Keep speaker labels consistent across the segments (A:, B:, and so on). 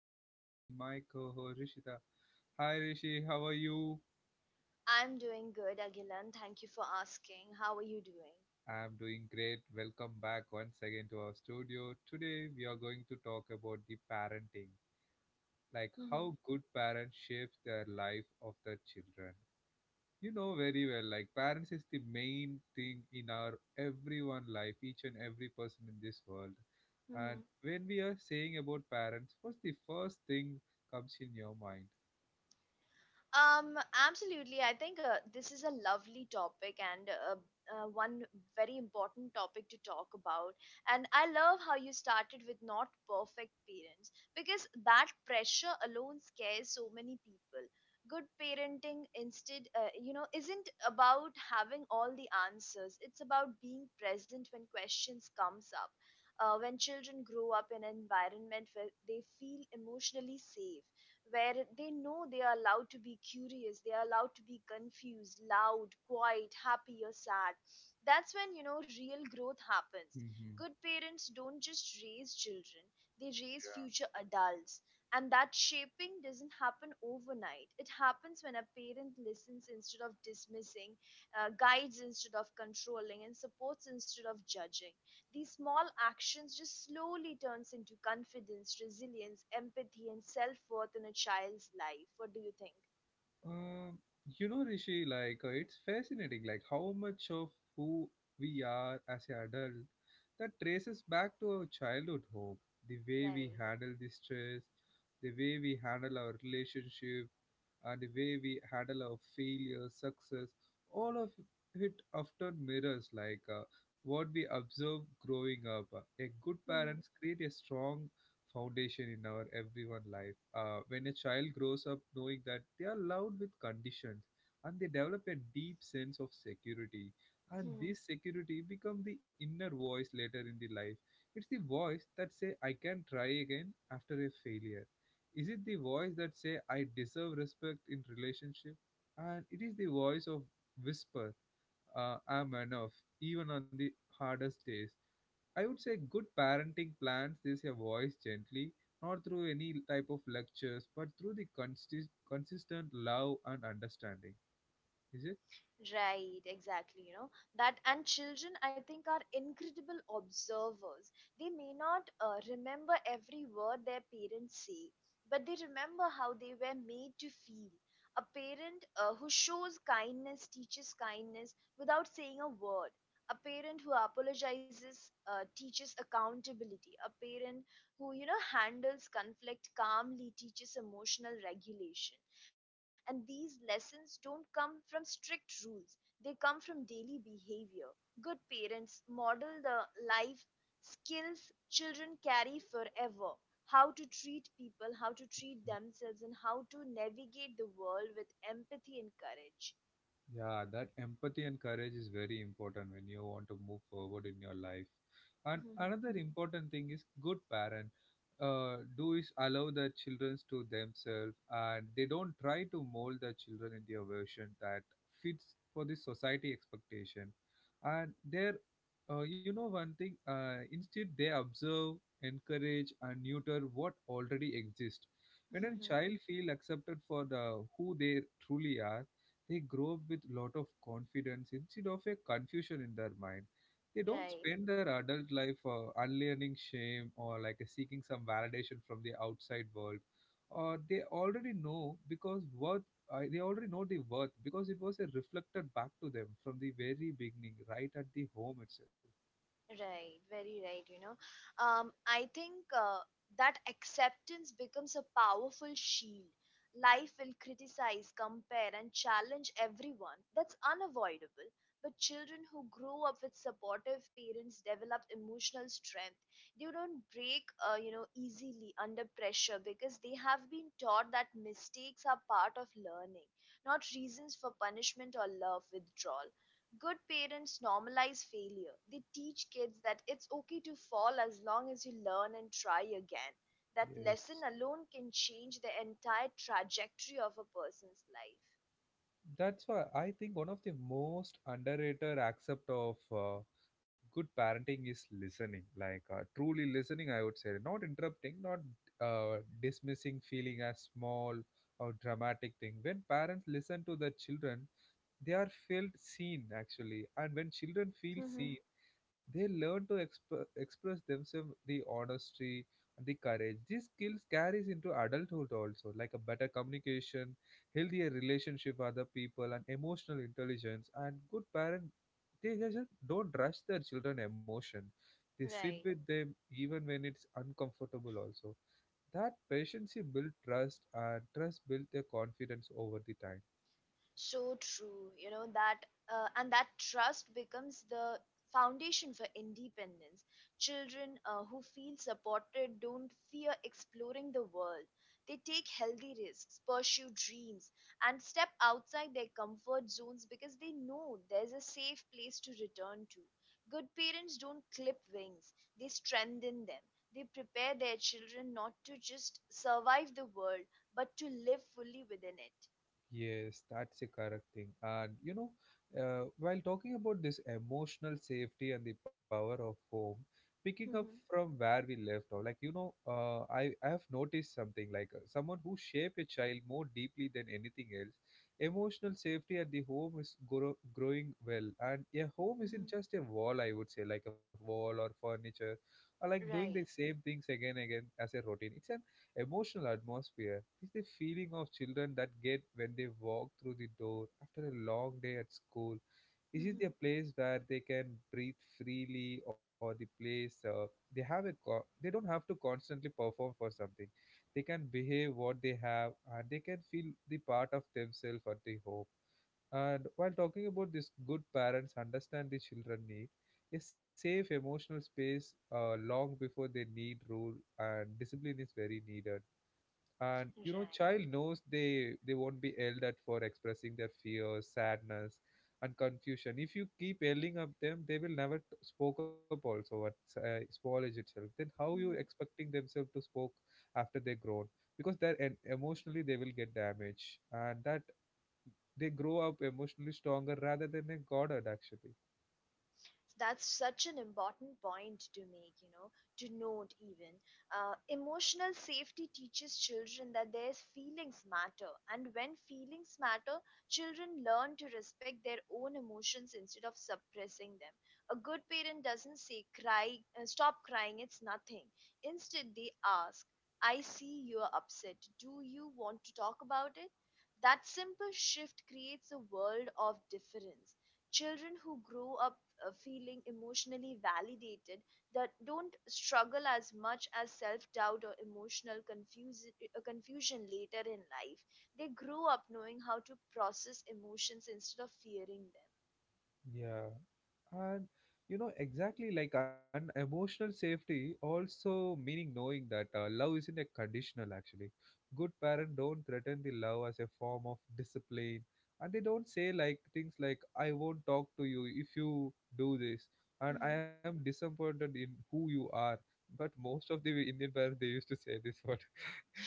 A: joined with me my co-host Rishita. Hi Rishi, how are you?
B: I'm doing good, Agilan. Thank you for asking. How are you doing?
A: I'm doing great. Welcome back once again to our studio. Today we are going to talk about the parenting, like
B: Mm-hmm.
A: how good parents shapes their life of their children. You know very well, like parents is the main thing in our everyone life, each and every person in this world. And when we are saying about parents, what's the first thing comes in your mind?
B: Absolutely. I think this is a lovely topic and one very important topic to talk about. And I love how you started with not perfect parents because that pressure alone scares so many people. Good parenting, instead, you know, isn't about having all the answers. It's about being present when questions comes up. When children grow up in an environment where they feel emotionally safe, where they know they are allowed to be curious, they are allowed to be confused, loud, quiet, happy, or sad. That's when, you know, real growth happens.
A: Mm-hmm.
B: Good parents don't just raise children, they raise future adults. And that shaping doesn't happen overnight. It happens when a parent listens instead of dismissing, guides instead of controlling, and supports instead of judging. These small actions just slowly turns into confidence, resilience, empathy and self-worth in a child's life. What do you think?
A: Uh, you know, Rishi, like it's fascinating, like how much of who we are as an adult that traces back to our childhood home, the way we
B: Right.
A: handle the stress, the way we handle our relationship, and the way we handle our failure, success. All of it often mirrors like what we observe growing up. A good
B: Hmm.
A: parents create a strong foundation in our everyone life. When a child grows up knowing that they are loved with conditions and they develop a deep sense of security, and this security become the inner voice later in the life. It's the voice that say I can try again after a failure. Is it the voice that say I deserve respect in relationship? And it is the voice of whisper, I'm enough, even on the hardest days. I would say good parenting plans this a voice gently, not through any type of lectures, but through the consistent love and understanding. Is it?
B: Right, exactly. You know that, and children, I think, are incredible observers. They may not remember every word their parents say, but they remember how they were made to feel. A parent who shows kindness teaches kindness without saying a word. A parent who apologizes teaches accountability. A parent who, you know, handles conflict calmly teaches emotional regulation, and these lessons don't come from strict rules, they come from daily behavior. Good parents model the life skills children carry forever: how to treat people, how to treat themselves, and how to navigate the world with empathy and courage.
A: Yeah, that empathy and courage is very important when you want to move forward in your life. And another important thing is good parent do is allow their children to themselves, and they don't try to mold their children into a version that fits for the society expectation. And they're, you know, one thing, instead they observe, encourage and neuter what already exists. When a
B: Mm-hmm.
A: child feel accepted for the, who they truly are, they grow up with lot of confidence instead of a confusion in their mind. They don't
B: Right.
A: spend their adult life unlearning shame or like seeking some validation from the outside world. Or they already know because worth. I they already know the worth because it was a reflected back to them from the very beginning, right at the home itself.
B: Right, very right, you know. I think that acceptance becomes a powerful shield. Life will criticize, compare, and challenge everyone. That's unavoidable. But children who grow up with supportive parents develop emotional strength. They don't break, you know, easily under pressure because they have been taught that mistakes are part of learning, not reasons for punishment or love withdrawal. Good parents normalize failure. They teach kids that it's okay to fall as long as you learn and try again. That
A: Yes.
B: lesson alone can change the entire trajectory of a person's life.
A: That's why I think one of the most underrated aspect of good parenting is listening, like truly listening. I would say not interrupting, not dismissing feeling as small or dramatic thing. When parents listen to their children, they are felt seen actually, and when children feel
B: Hmm.
A: seen, they learn to express themselves the honesty and the courage. These skills carries into adulthood also, like a better communication, healthier relationship with other people and emotional intelligence. And good parent, they just don't rush their children emotion, they sit
B: Right.
A: with them even when it's uncomfortable also. That patience build trust and trust build their confidence over the time.
B: So true, you know, that and that trust becomes the foundation for independence. Children who feel supported don't fear exploring the world. They take healthy risks, pursue dreams, and step outside their comfort zones because they know there's a safe place to return to. Good parents don't clip wings, they strengthen them. They prepare their children not to just survive the world, but to live fully within it.
A: Yes, that's a correct thing. And you know, while talking about this emotional safety and the power of home, picking up from where we left off, like you know, I have noticed something like someone who shape a child more deeply than anything else. Emotional safety at the home is growing well, and a home isn't just a wall. I would say like a wall or furniture, or like doing the
B: Right.
A: same things again again as a routine. It's an emotional atmosphere. It is the feeling of children that get when they walk through the door after a long day at school. This is
B: Mhm.
A: a place where they can breathe freely, or the place they have a they don't have to constantly perform for something. They can behave what they have, and they can feel the part of themselves at the home. And while talking about this, good parents understand the children need a safe emotional space long before they need rule, and discipline is very needed. And you know,
B: Right.
A: child knows they won't be yelled at for expressing their fears, sadness and confusion. If you keep yelling at them, they will never spoke up also at small age itself, then how you
B: Mhm.
A: expecting themselves to spoke after they grown, because they're emotionally they will get damaged. And that they grow up emotionally stronger rather than a goddard actually.
B: That's such an important point to make, you know, to note even. Emotional safety teaches children that their feelings matter, and when feelings matter, children learn to respect their own emotions instead of suppressing them. A good parent doesn't say cry, stop crying, it's nothing. Instead they ask, I see you're upset, do you want to talk about it? That simple shift creates a world of difference. Children who grow up feeling emotionally validated, that don't struggle as much as self-doubt or emotional confusion later in life. They grow up knowing how to process emotions instead of fearing them.
A: Yeah. And you know, exactly like an emotional safety, also meaning knowing that love isn't a conditional actually. Good parents don't threaten the love as a form of discipline, and they don't say like things like, I won't talk to you if you do this, and I
B: Mhm.
A: am disappointed in who you are. But most of the Indian parents they used to say this word.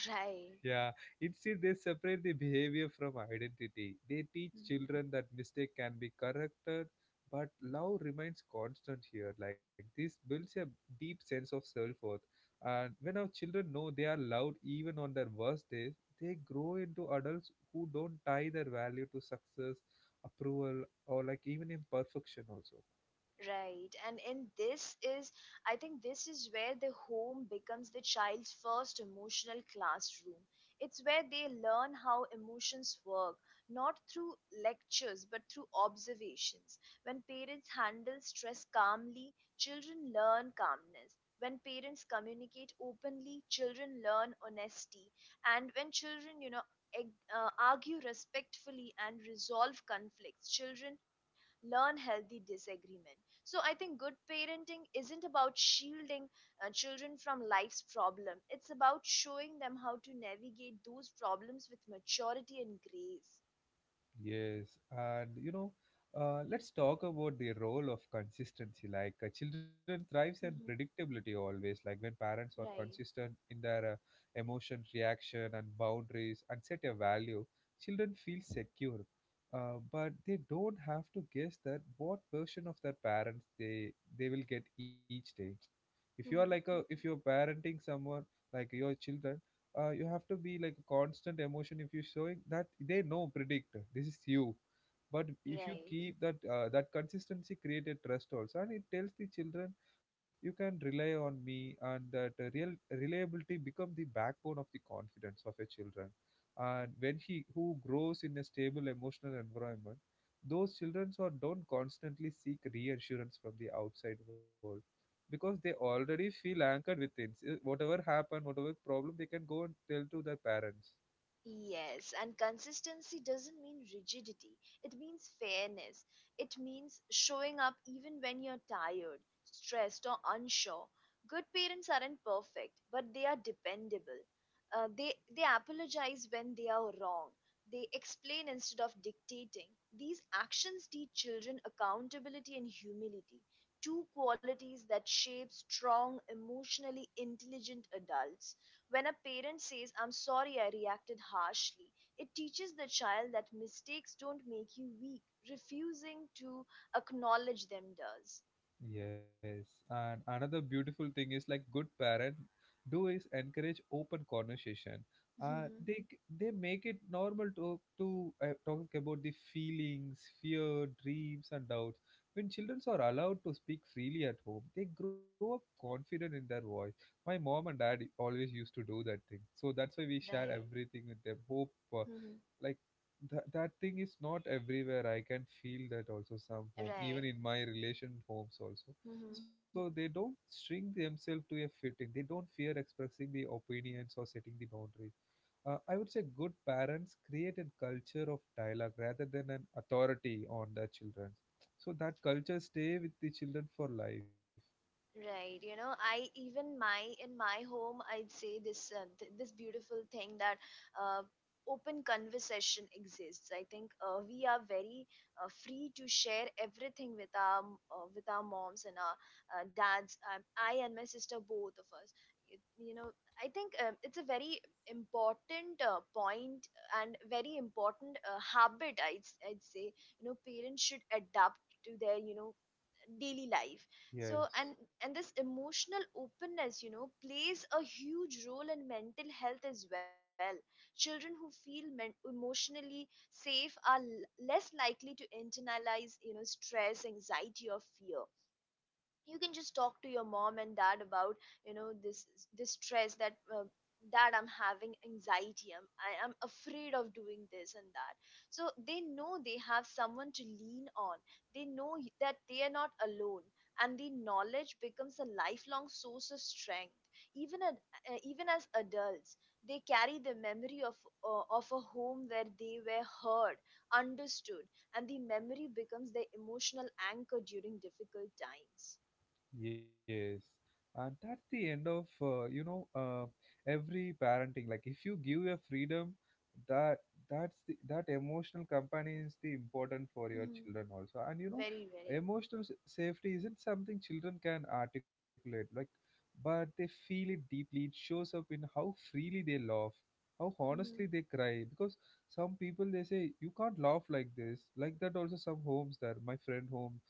B: Right.
A: Yeah, instead they separate the behavior from identity. They teach children that mistake can be corrected, but love remains constant here. Like this builds a deep sense of self-worth. And when our children know they are loved even on their worst days, they grow into adults who don't tie their value to success, approval, or like even imperfection also.
B: Right. And in this is, I think this is where the home becomes the child's first emotional classroom. It's where they learn how emotions work, not through lectures, but through observations. When parents handle stress calmly, children learn calmness. When parents communicate openly, children learn honesty. And when children, you know, argue respectfully and resolve conflicts, children learn healthy disagreement. So I think good parenting isn't about shielding children from life's problem. It's about showing them how to navigate those problems with maturity and grace.
A: Yes, and you know, let's talk about the role of consistency. Like children thrives and
B: Mm-hmm.
A: predictability always. Like when parents are
B: Right.
A: consistent in their emotion, reaction, and boundaries, and set a value, children feel secure. But they don't have to guess that what version of their parents they will get each day. If you are like
B: Mhm.
A: a if you're parenting someone like your children, you have to be like a constant emotion. If you're showing that, they know predict this is you. But if you
B: Right.
A: keep that that consistency create a trust also, and it tells the children you can rely on me. And that real reliability become the backbone of the confidence of a children. And when he who grows in a stable emotional environment, those children so don't constantly seek reassurance from the outside world, because they already feel anchored within. Whatever happened, whatever problem, they can go and tell to their parents.
B: Yes, and consistency doesn't mean rigidity. It means fairness. It means showing up even when you're tired, stressed, or unsure. Good parents aren't perfect, but they are dependable. They apologize when they are wrong. They explain instead of dictating. These actions teach children accountability and humility, two qualities that shape strong, emotionally intelligent adults. When a parent says, I'm sorry I reacted harshly, it teaches the child that mistakes don't make you weak. Refusing to acknowledge them does.
A: Yes, and another beautiful thing is like good parent do is encourage open conversation.
B: Mhm.
A: They they make it normal to talk about the feelings, fear, dreams, and doubts. When children are allowed to speak freely at home, they grow up confident in their voice. My mom and dad always used to do that thing, so that's why we share
B: Right.
A: everything with them. Hope
B: Mhm.
A: like that thing is not everywhere, I can feel that also some home, even
B: Right.
A: in my relation homes also.
B: Mhm.
A: So they don't string themselves to a fit in, they don't fear expressing the opinions or setting the boundaries. I would say good parents create a culture of dialogue rather than an authority on their children, so that culture stay with the children for life.
B: Right, you know, I even my in my home, I'd say this this beautiful thing that uh, open conversation exists. I think we are very free to share everything with with our moms and our dads. I and my sister, both of us. You know, I think it's a very important point and very important habit. I'd say, you know, parents should adapt to their, you know, daily life. so and
A: Yes.
B: and this emotional openness, you know, plays a huge role in mental health as well. Children who feel emotionally safe are less likely to internalize, you know, stress, anxiety or fear. You can just talk to your mom and dad about, you know, this stress that, dad, I'm having anxiety, I am afraid of doing this and that, so they know they have someone to lean on. They know that they are not alone, and the knowledge becomes a lifelong source of strength. even ad, Even as adults, they carry the memory of a home where they were heard, understood, and the memory becomes their emotional anchor during difficult times.
A: Yes, and that's the end of every parenting. Like if you give your freedom, that that emotional company is the important for your
B: Mhm.
A: children also. And you know,
B: Very, very.
A: emotional safety isn't something children can articulate. Like, but they feel it deeply. It shows up in how freely they laugh, how
B: Mhm.
A: honestly they cry. Because some people they say you can't laugh like this, like that. Also, some homes there, my friend home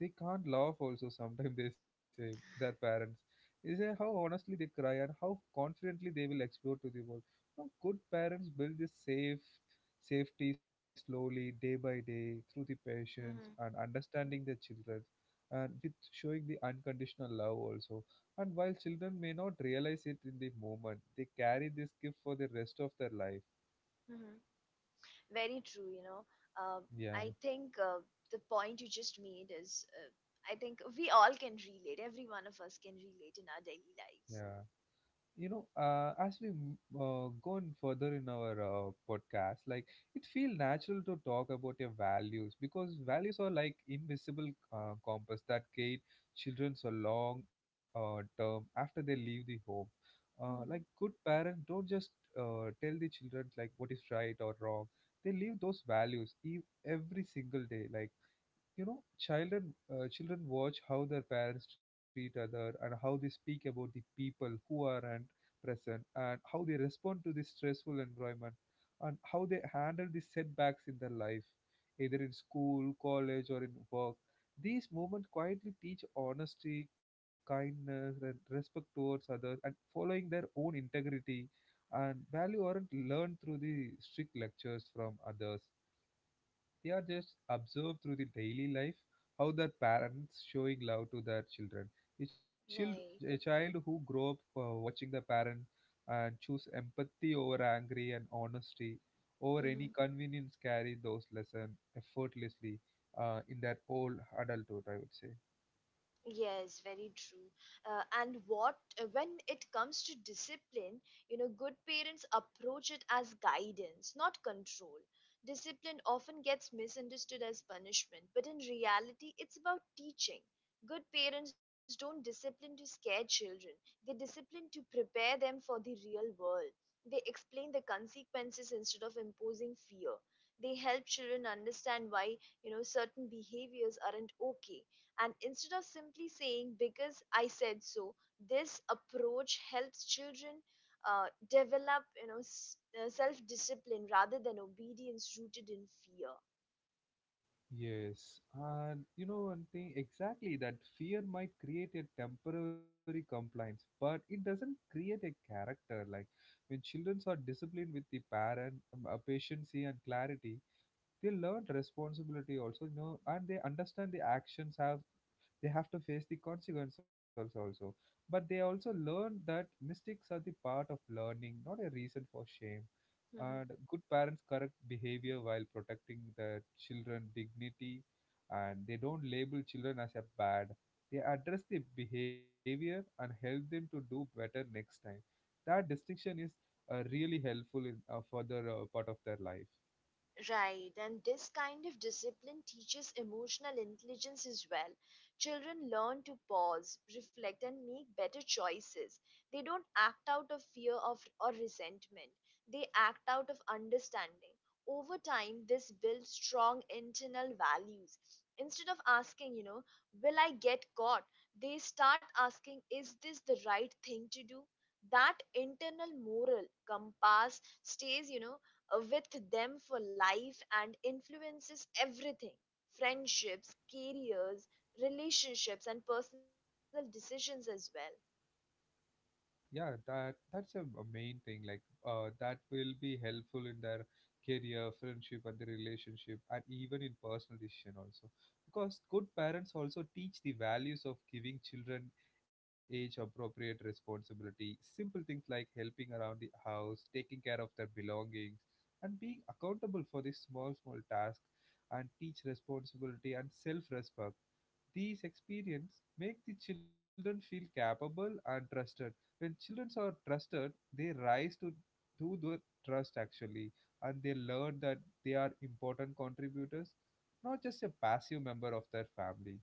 A: they can't laugh also, sometimes they say their parents. They say how honestly they cry and how confidently they will explore to the world. Now, good parents build this safety slowly, day by day, through the patience
B: Mhm.
A: and understanding their children, and with showing the unconditional love also. And while children may not realize it in the moment, they carry this gift for the rest of their life.
B: Mhm. Very true, you know. Uh,
A: Yeah,
B: I think the point you just made is, I think we all can relate. Every one of us can relate in our daily lives.
A: yeah. You know, as we go on further in our podcast, like it feels natural to talk about your values, because values are like invisible compass that guide children's a long term after they leave the home.
B: Mm.
A: Like good parents don't just tell the children like what is right or wrong, they leave those values every single day. Like you know, children watch how their parents treat other, and how they speak about the people who aren't present, and how they respond to this stressful environment, and how they handle the setbacks in their life, either in school, college or in work. These movements quietly teach honesty, kindness and respect towards others, and following their own integrity. And value aren't learned through the strict lectures from others, they are just observed through the daily life, how their parents showing love to their children. A child,
B: Right.
A: a child who grow up watching their parents and choose empathy over angry and honesty over any
B: Mhm.
A: convenience carry those lessons effortlessly in their whole adulthood, I would say.
B: Yes, very true. And what When it comes to discipline, you know, good parents approach it as guidance, not control. Discipline often gets misunderstood as punishment, but in reality, it's about teaching. Good parents don't discipline to scare children, they discipline to prepare them for the real world. They explain the consequences instead of imposing fear. They help children understand why, you know, certain behaviors aren't okay, and instead of simply saying, because I said so, this approach helps children develop, you know, self discipline rather than obedience rooted in fear.
A: Yes, and you know one thing exactly that fear might create a temporary compliance, but it doesn't create a character. Like when children are disciplined with the parent, patience and clarity, they learn responsibility also, you know, and they understand the actions have they have to face the consequences also, but they also learn that mistakes are the part of learning, not a reason for shame. And good parents correct behavior while protecting the children dignity, and they don't label children as a bad. They address the behavior and help them to do better next time. That distinction is really helpful in further part of their life.
B: Right, and this kind of discipline teaches emotional intelligence as well. Children learn to pause, reflect, and make better choices. They don't act out of fear of or resentment. They act out of understanding. Over time, this builds strong internal values. Instead of asking, you know, will I get caught? They start asking, is this the right thing to do? That internal moral compass stays, you know, with them for life and influences everything: friendships, careers, relationships, and personal decisions as well.
A: Yeah, that's a main thing, like that will be helpful in their career, friendship and the relationship and even in personal decision also. Because good parents also teach the values of giving children age appropriate responsibility, simple things like helping around the house, taking care of their belongings and being accountable for these small small tasks and teach responsibility and self respect. These experiences make the children feel capable and trusted. When children are trusted, they rise to the trust actually, and they learn that they are important contributors, not just a passive member of their family.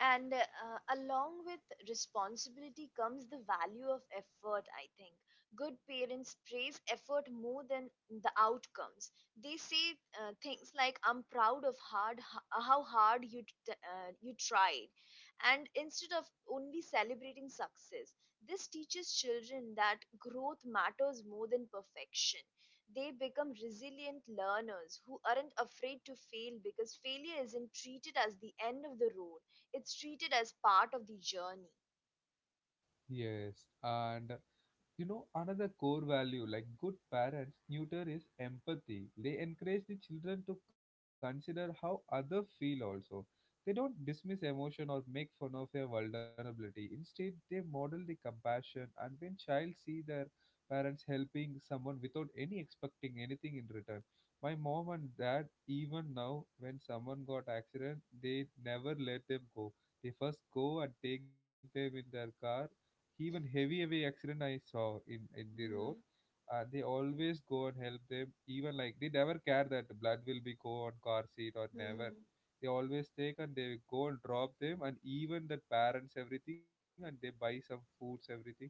B: And along with responsibility comes the value of effort, I think. Good parents praise effort more than the outcomes. They say things like, I'm proud of hard how hard you t- you tried, and instead of only celebrating success, this teaches children that growth matters more than perfection. They become resilient learners who aren't afraid to fail because failure isn't treated as the end of the road, it's treated as part of the journey.
A: Yes, and you know, another core value like good parents tutor is empathy. They encourage the children to consider how others feel also. They don't dismiss emotion or make fun of their vulnerability. Instead, they model the compassion and when child see their parents helping someone without any expecting anything in return. My mom and dad, even now when someone got accident, they never let them go. They first go and take them in their car, even heavy heavy accident I saw in the road.
B: Mhm,
A: They always go and help them, even like they never care that blood will be go on car seat or never.
B: mhm,
A: They always take and they go and drop them and even the parents everything, and they buy some foods everything.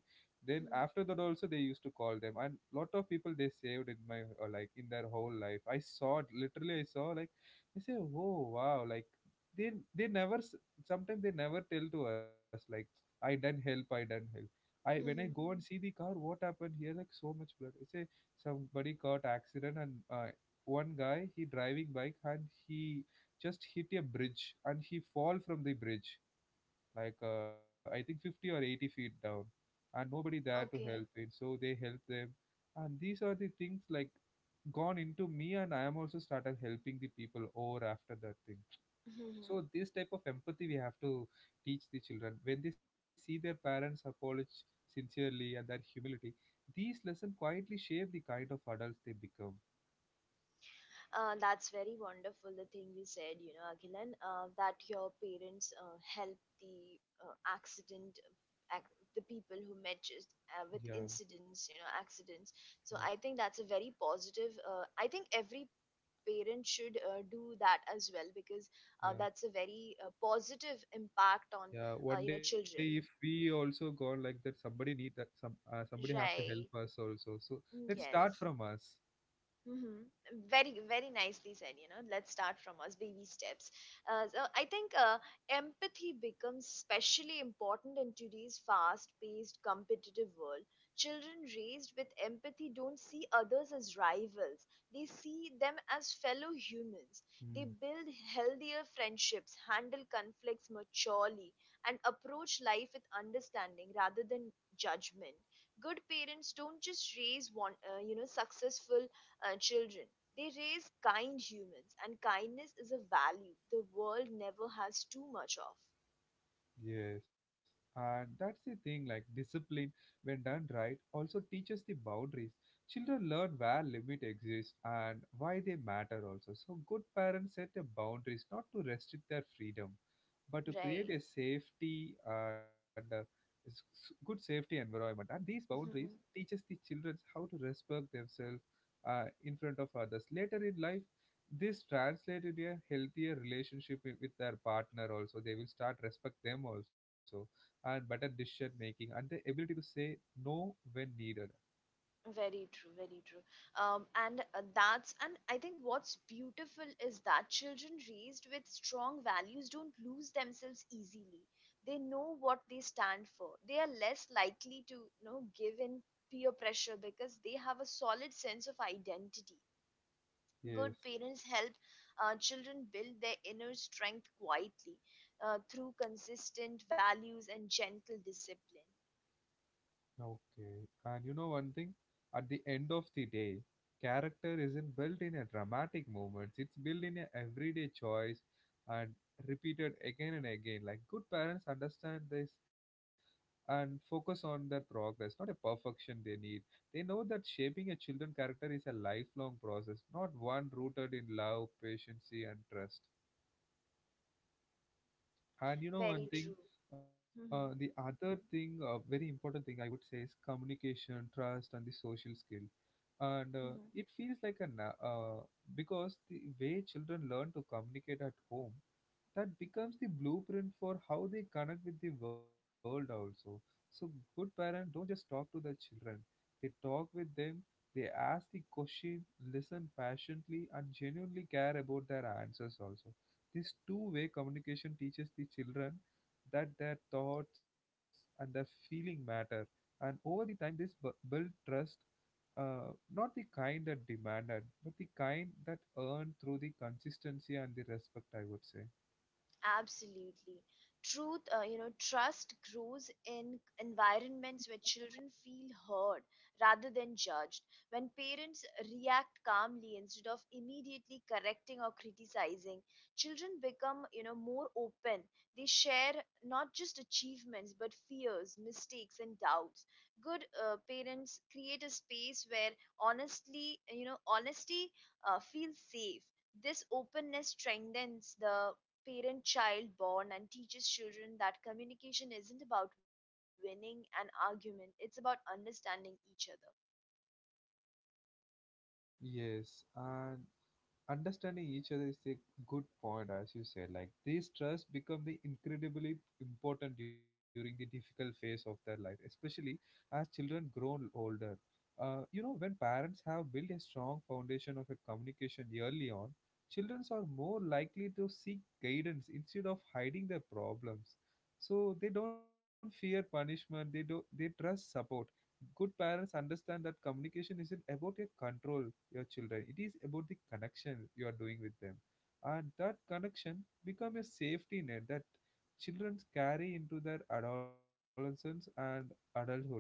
A: Then after that
B: mhm,
A: also they used to call them, and lot of people they saved in my or like in their whole life, I saw it literally, I saw like I say, oh wow, like they never s- sometimes they never tell to us like, I done help, I done help. I when I go
B: mhm.
A: and see the car, what happened here? Like so much blood. It's a somebody got accident and one guy he driving bike and he just hit a bridge and he fall from the bridge like I think 50 or 80 feet down, and nobody there to help
B: Okay.
A: him. So they help them, and these are the things like gone into me, and I am also started helping the people over after that thing.
B: Mhm.
A: So this type of empathy we have to teach the children. When they see their parents apologize sincerely and their humility, these lessons quietly shape the kind of adults they become.
B: That's very wonderful, the thing you said, you know, Aghilan, that your parents helped the uh, accident, ac- the people who met just, with
A: yeah
B: incidents, you know, accidents. So I think
A: yeah
B: that's a very positive. I think every parent should do that as well because that's a
A: yeah
B: very positive impact on, you know,
A: yeah One
B: children.
A: day if we also gone like that, somebody need that, some somebody have to
B: Right.
A: help us also, so
B: Mm.
A: let's start
B: Yes.
A: from us.
B: Hmm. Very, very nicely said. You know, let's start from us, baby steps. So I think empathy becomes especially important in today's fast-paced, competitive world. Children raised with empathy don't see others as rivals; they see them as fellow humans. They
A: Hmm.
B: build healthier friendships, handle conflicts maturely, and approach life with understanding rather than judgment. Good parents don't just raise one, you know, successful children. They raise kind humans, and kindness is a value the world never has too much of.
A: Yes, and that's the thing, like discipline, when done right, also teaches the boundaries. Children learn where limit exists and why they matter also. So good parents set the boundaries not to restrict their freedom, but to create
B: Right.
A: a safety and good safety environment. And these boundaries
B: Mhm.
A: teaches the children how to respect themselves in front of others. Later in life, this translated a healthier relationship wi- with their partner also, they will start respect them also, and better decision making and the ability to say no when needed.
B: Very true, very true. And that's and I think what's beautiful is that children raised with strong values don't lose themselves easily. They know what they stand for. They are less likely to, you know, give in peer pressure because they have a solid sense of identity.
A: Yes.
B: Good parents help children build their inner strength quietly through consistent values and gentle discipline.
A: Okay. And you know one thing? At the end of the day, character isn't built in a dramatic moments. It's built in a everyday choice and repeated again and again. Like good parents understand this and focus on their progress, not a perfection they need. They know that shaping a children character is a lifelong process, not one rooted in love, patience, and trust. And you know
B: Very
A: one
B: true.
A: thing, the
B: Hmm.
A: other thing, very important thing I would say is communication, trust, and the social skill. And
B: Hmm.
A: it feels like a na- because the way children learn to communicate at home, that becomes the blueprint for how they connect with the world also. So good parents don't just talk to the children; they talk with them. They ask the question, listen patiently, and genuinely care about their answers also. This two-way communication teaches the children that their thoughts and their feeling matter, and over the time, this bu- build trust. Not the kind that demanded, but the kind that earned through the consistency and the respect, I would say.
B: Absolutely. Truth, you know, trust grows in environments where children feel heard rather than judged. When parents react calmly instead of immediately correcting or criticizing, children become, you know, more open. They share not just achievements but fears, mistakes, and doubts. Good parents create a space where honesty feels safe. This openness strengthens the parent child bond and teaches children that communication isn't about winning an argument, it's about understanding each other.
A: Yes, and understanding each other is a good point, as you said, like these trusts become the incredibly important during the difficult phase of their life, especially as children grow older. You know, when parents have built a strong foundation of a communication early on, children are more likely to seek guidance instead of hiding their problems. So they don't fear punishment, they do they trust support. Good parents understand that communication isn't about a control your children, it is about the connection you are doing with them, and that connection become a safety net that children carry into their adolescence and adulthood also.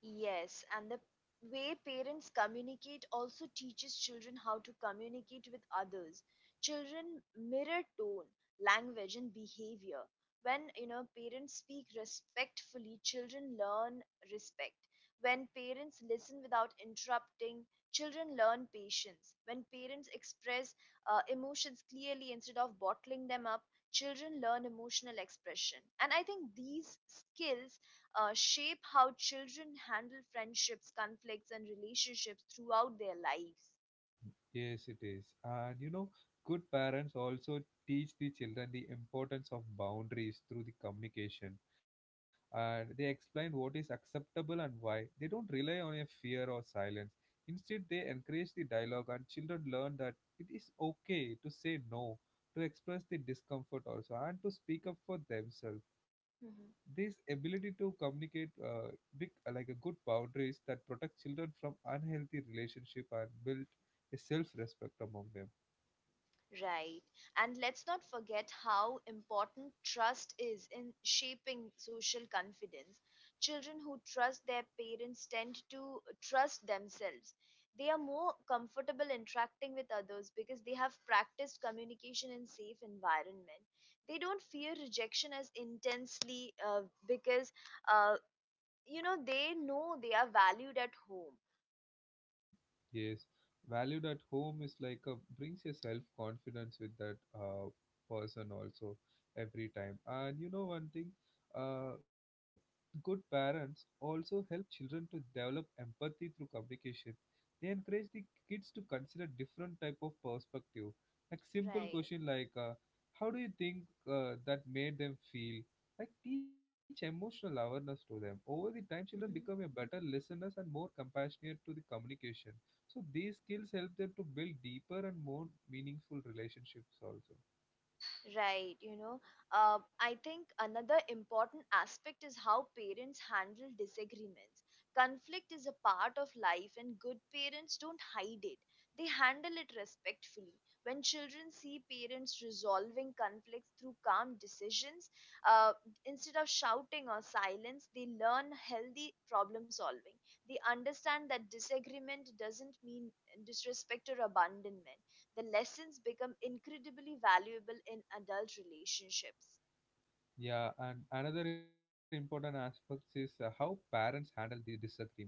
B: Yes, and the way parents communicate also teaches children how to communicate with others. Children mirror tone, language, and behavior. When parents speak respectfully, children learn respect. When parents listen without interrupting, children learn patience. When parents express emotions clearly instead of bottling them up, children learn emotional expression. And I think these skills shape how children handle friendships, conflicts, and relationships throughout their lives.
A: Yes, it is. And you know, good parents also teach the children the importance of boundaries through the communication. And they explain what is acceptable and why. They don't rely on a fear or silence. Instead, they encourage the dialogue, and children learn that it is okay to say no, to express the discomfort also, and to speak up for themselves. This
B: Mhm.
A: ability to communicate big, like a good boundaries that protect children from unhealthy relationship and build is self-respect among them.
B: Right. And let's not forget how important trust is in shaping social confidence. Children who trust their parents tend to trust themselves. They are more comfortable interacting with others because they have practiced communication in safe environment. They don't fear rejection as intensely because uh, they know they are valued at home.
A: Yes, valued at home is like a brings your self confidence with that person also every time. And you know one thing, uh, good parents also help children to develop empathy through communication. They encourage the kids to consider different type of perspective. Like simple
B: Right.
A: question like, how do you think that made them feel? Like teach emotional awareness to them. Over the time, children become a
B: Hmm.
A: better listeners and more compassionate to the communication. So these skills help them to build deeper and more meaningful relationships also.
B: Right, I think another important aspect is how parents handle disagreements. Conflict is a part of life, and good parents don't hide it. They handle it respectfully. When children see parents resolving conflicts through calm decisions, uh, instead of shouting or silence, they learn healthy problem solving. They understand that disagreement doesn't mean disrespect or abandonment. The lessons become incredibly valuable in adult relationships.
A: Yeah, and another important aspect is how parents handle the disagreement.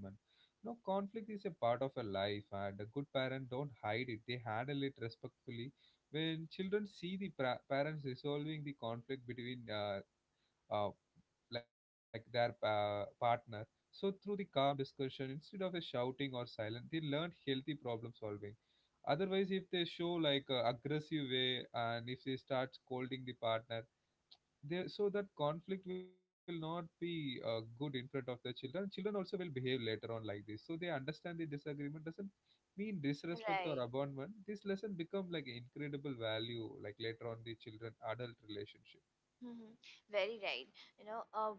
A: No conflict is a part of a life, and a good parent don't hide it. They handle it respectfully. When children see the pra- parents resolving the conflict between uh, like their pa- partner. So through the calm discussion, instead of a shouting or silent, they learned healthy problem solving. Otherwise, if they show like a aggressive way and if they start scolding the partner, they so that conflict will not be good in front of the children. Children also will behave later on like this. So they understand the disagreement doesn't mean disrespect or
B: Right.
A: abandonment. This lesson become like incredible value like later on the children adult relationship.
B: Hmm. Very right. You know, uh,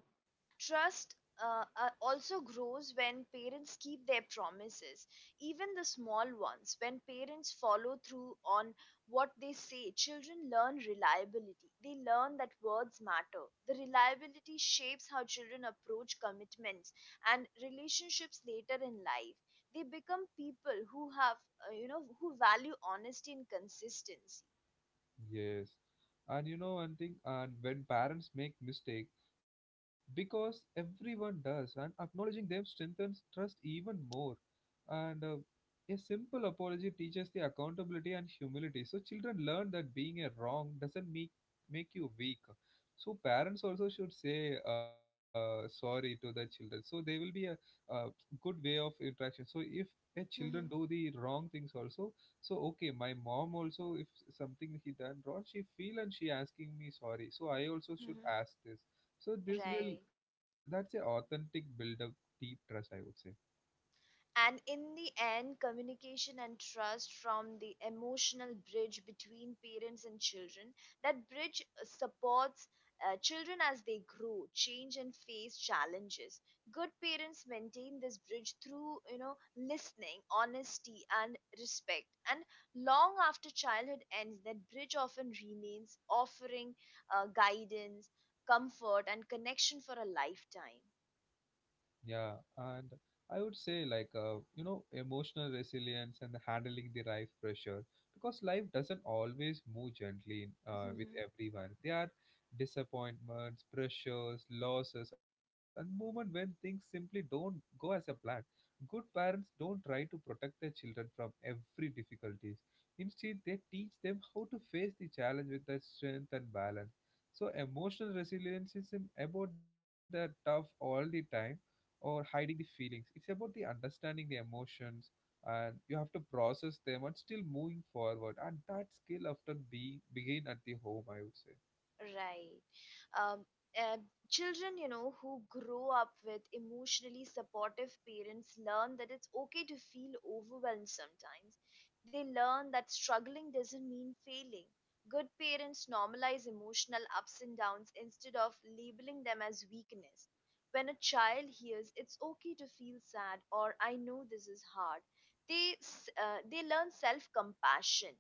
B: trust also grows when parents keep their promises, even the small ones. When parents follow through on what they say, children learn reliability. They learn that words matter. The reliability shapes how children approach commitments and relationships later in life. They become people who who value honesty and consistency.
A: Yes. And you know one thing, and when parents make mistake, because everyone does, and acknowledging them strengthens trust even more. And a simple apology teaches the accountability and humility. So children learn that being a wrong doesn't make you weak. So parents also should say sorry to the children. So there will be a, uh good way of interaction. So if a children
B: Hmm.
A: do the wrong things also, so okay, my mom also if something he done wrong, she feel and she asking me sorry. So I also should
B: Hmm.
A: ask this. So this will
B: Right.
A: that's a authentic build up deep trust, I would say.
B: And in the end, communication and trust from the emotional bridge between parents and children. That bridge supports children as they grow, change, and face challenges. Good parents maintain this bridge through, listening, honesty, and respect. And long after childhood ends, that bridge often remains, offering guidance, comfort, and connection for a lifetime.
A: Yeah, and I would say like you know, emotional resilience and handling the life pressure, because life doesn't always move gently with everyone. There are disappointments, pressures, losses, and moment when things simply don't go as a plan. Good parents don't try to protect their children from every difficulties. Instead, they teach them how to face the challenge with their strength and balance. So emotional resilience is im- about they're tough all the time or hiding the feelings. It's about the understanding the emotions, and you have to process them and still moving forward. And that skill often be begin at the home, I would say.
B: Right. Um, and children, who grow up with emotionally supportive parents learn that it's okay to feel overwhelmed sometimes. They learn that struggling doesn't mean failing. Good parents normalize emotional ups and downs instead of labeling them as weakness. When a child hears it's okay to feel sad or I know this is hard, they learn self-compassion.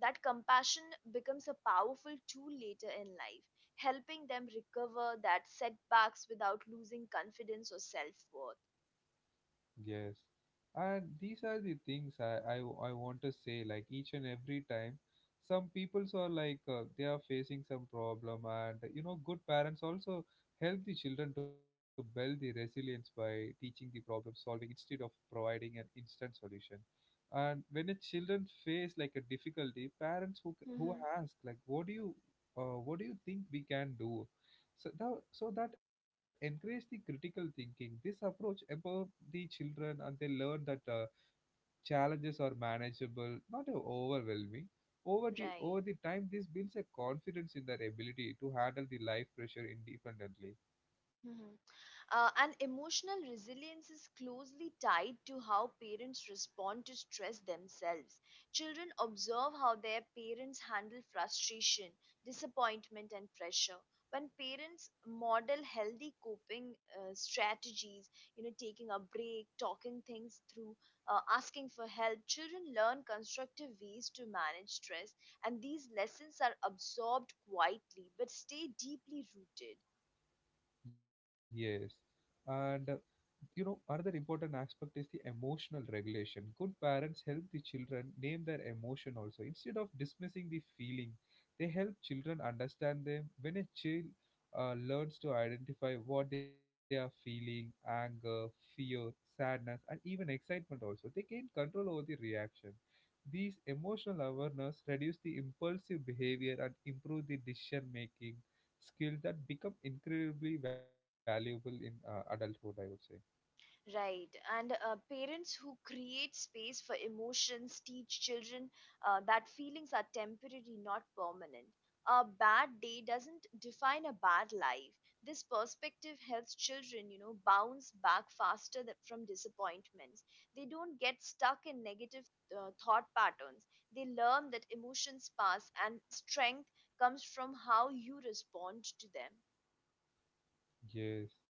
B: That compassion becomes a powerful tool later in life, helping them recover that setbacks without losing confidence or self worth.
A: Yes. And these are the things I want to say, like each and every time, some peoples are like they are facing some problem, and you know, good parents also help the children to build the resilience by teaching the problem solving instead of providing an instant solution. And when a children face like a difficulty, parents who who
B: Mm-hmm.
A: ask like, what do you, what do you think we can do? So that encourage the critical thinking. This approach empower the children and they learn that challenges are manageable, not overwhelming. Over the,
B: Right.
A: over the time, this builds a confidence in their ability to handle the life pressure independently.
B: And emotional resilience is closely tied to how parents respond to stress themselves. Children observe how their parents handle frustration, disappointment, and pressure. When parents model healthy coping strategies, taking a break, talking things through, asking for help, children learn constructive ways to manage stress, and these lessons are absorbed quietly but stay deeply rooted.
A: Yes. And you know, another important aspect is the emotional regulation. Good parents help the children name their emotion also. Instead of dismissing the feeling, they help children understand them. When a child learns to identify what they are feeling anger, fear, sadness, and even excitement also, they gain control over the reaction. These emotional awareness reduce the impulsive behavior and improve the decision making skill that become incredibly valuable in adulthood I would say.
B: Right. And parents who create space for emotions teach children that feelings are temporary, not permanent. A bad day doesn't define a bad life. This perspective helps children, bounce back faster from disappointments. They don't get stuck in negative thought patterns. They learn that emotions pass and strength comes from how you respond to them.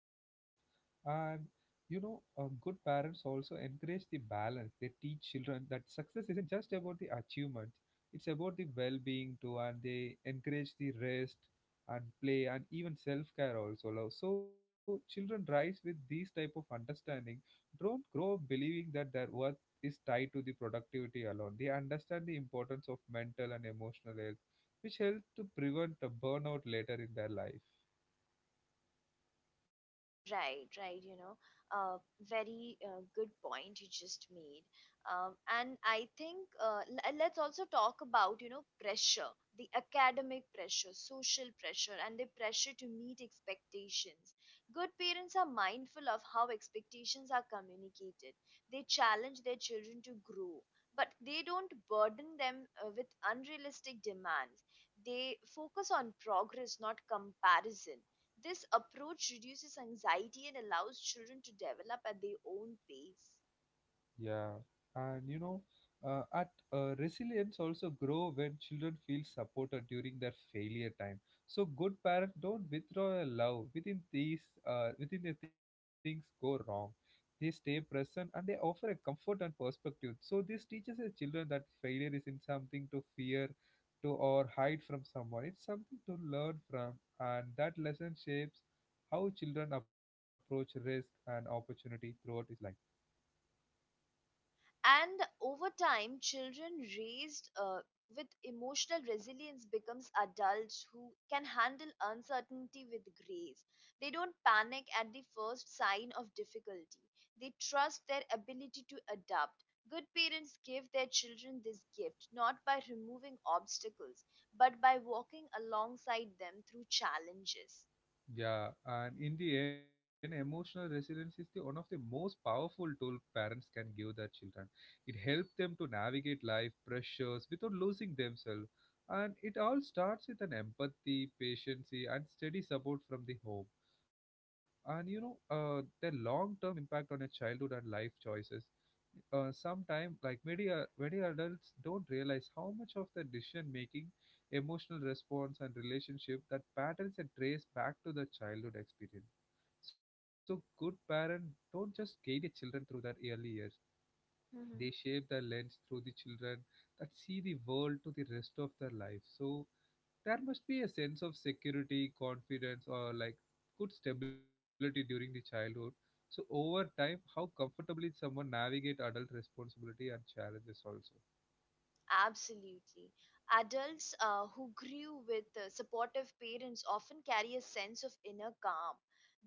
A: Yes. And you know, good parents also encourage the balance. They teach children that success isn't just about the achievement, it's about the well being too. And they encourage the rest and play and even self care also. Love. So children rise with these type of understanding. Don't grow up believing that their worth is tied to the productivity alone. They understand the importance of mental and emotional health, which helps to prevent a burnout later in their life.
B: Right, right, you know, uh, very good point you just made. And I think let's also talk about, pressure, the academic pressure, social pressure, and the pressure to meet expectations. Good parents are mindful of how expectations are communicated. They challenge their children to grow, but they don't burden them with unrealistic demands. They focus on progress, not comparison. This approach reduces anxiety and allows children to develop at their own pace.
A: Yeah, and you know, at resilience also grow when children feel supported during their failure time. So good parents don't withdraw their love within these within the things go wrong. They stay present and they offer a comfort and perspective. So this teaches the children that failure isn't something to fear, to or hide from someone. It's something to learn from, and that lesson shapes how children approach risk and opportunity throughout his life.
B: And over time, children raised with emotional resilience becomes adults who can handle uncertainty with grace. They don't panic at the first sign of difficulty. They trust their ability to adapt. Good parents give their children this gift not by removing obstacles, but by walking alongside them through challenges.
A: Yeah, and in the end, emotional resilience is the one of the most powerful tool parents can give their children. It helps them to navigate life pressures without losing themselves, and it all starts with an empathy, patience, and steady support from the home. And you know, the long-term impact on a childhood and life choices. Sometime like many adults don't realize how much of the decision making emotional response and relationship that patterns are traced back to the childhood experience. So good parents don't just guide their children through their early years. They shape their lens through the children that see the world to the rest of their life. So there must be a sense of security, confidence, or like good stability during the childhood. So over time, how comfortably someone navigate adult responsibility and challenges also.
B: Absolutely. Adults who grew with supportive parents often carry a sense of inner calm.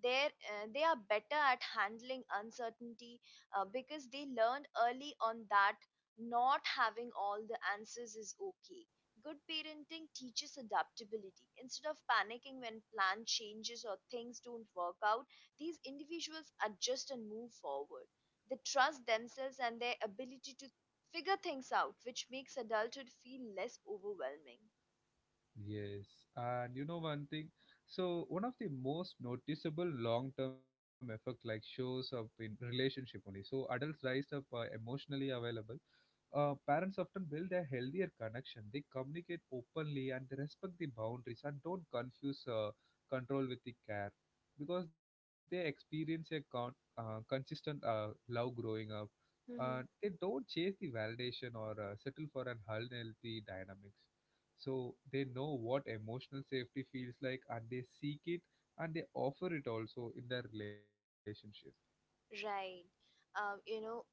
B: They are better at handling uncertainty because they learned early on that not having all the answers is okay. Good parenting teaches adaptability. Instead of panicking when plan changes or things don't work out, these individuals adjust and move forward. They trust themselves and their ability to figure things out, which makes adulthood feel less overwhelming.
A: Yes, and you know one thing. So one of the most noticeable long-term effect like shows up in relationship only. So adults rise up, emotionally available. Parents often build a healthier connection. They communicate openly and they respect the boundaries and don't confuse control with the care because they experience a consistent love growing up.
B: Mm-hmm.
A: They don't chase the validation or settle for unhealthy dynamics. So they know what emotional safety feels like and they seek it and they offer it also in their relationship.
B: Right. Um, you know,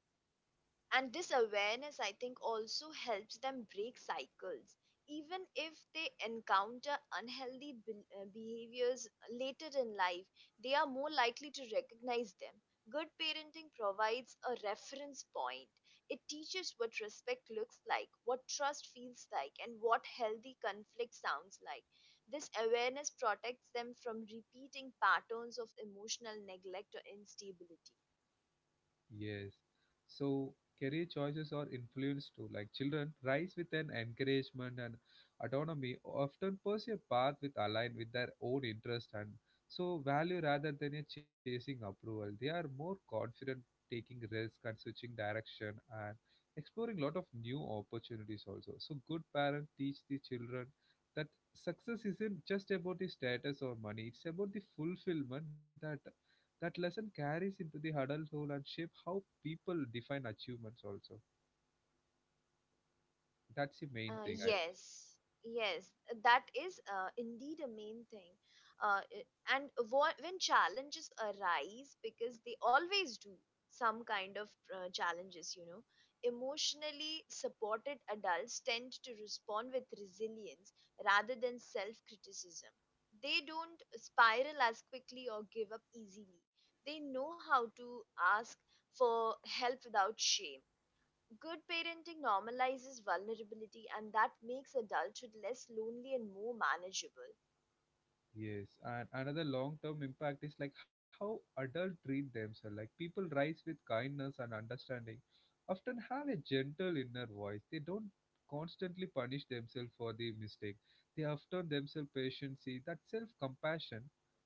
B: and this awareness I think also helps them break cycles, even if they encounter unhealthy behaviors later in life, they are more likely to recognize them. Good parenting provides a reference point. It teaches what respect looks like, what trust feels like, and what healthy conflict sounds like. This awareness protects them from repeating patterns of emotional neglect or instability.
A: Yes. So career choices are influenced too. Like children rise with an encouragement and autonomy, often pursue a path with aligned with their own interest and so value rather than a chasing approval. They are more confident taking risk and switching direction and exploring lot of new opportunities also. So good parents teach the children that success isn't just about the status or money, it's about the fulfillment that that lesson carries into the adulthood and shape how people define achievements also. That's the main
B: Uh,
A: thing I would.
B: yes, yes, that is indeed a main thing. Uh, i- when challenges arise, because they always do, some kind of challenges, emotionally supported adults tend to respond with resilience rather than self criticism. They don't spiral as quickly or give up easily. They know how to ask for help without shame. Good parenting normalizes vulnerability, and that makes adulthood less lonely and more manageable.
A: Yes, and another long-term impact is like how adults treat themselves. Like people rise with kindness and understanding, often have a gentle inner voice. They don't constantly punish themselves for the mistake. They often themselves patience. That self-compassion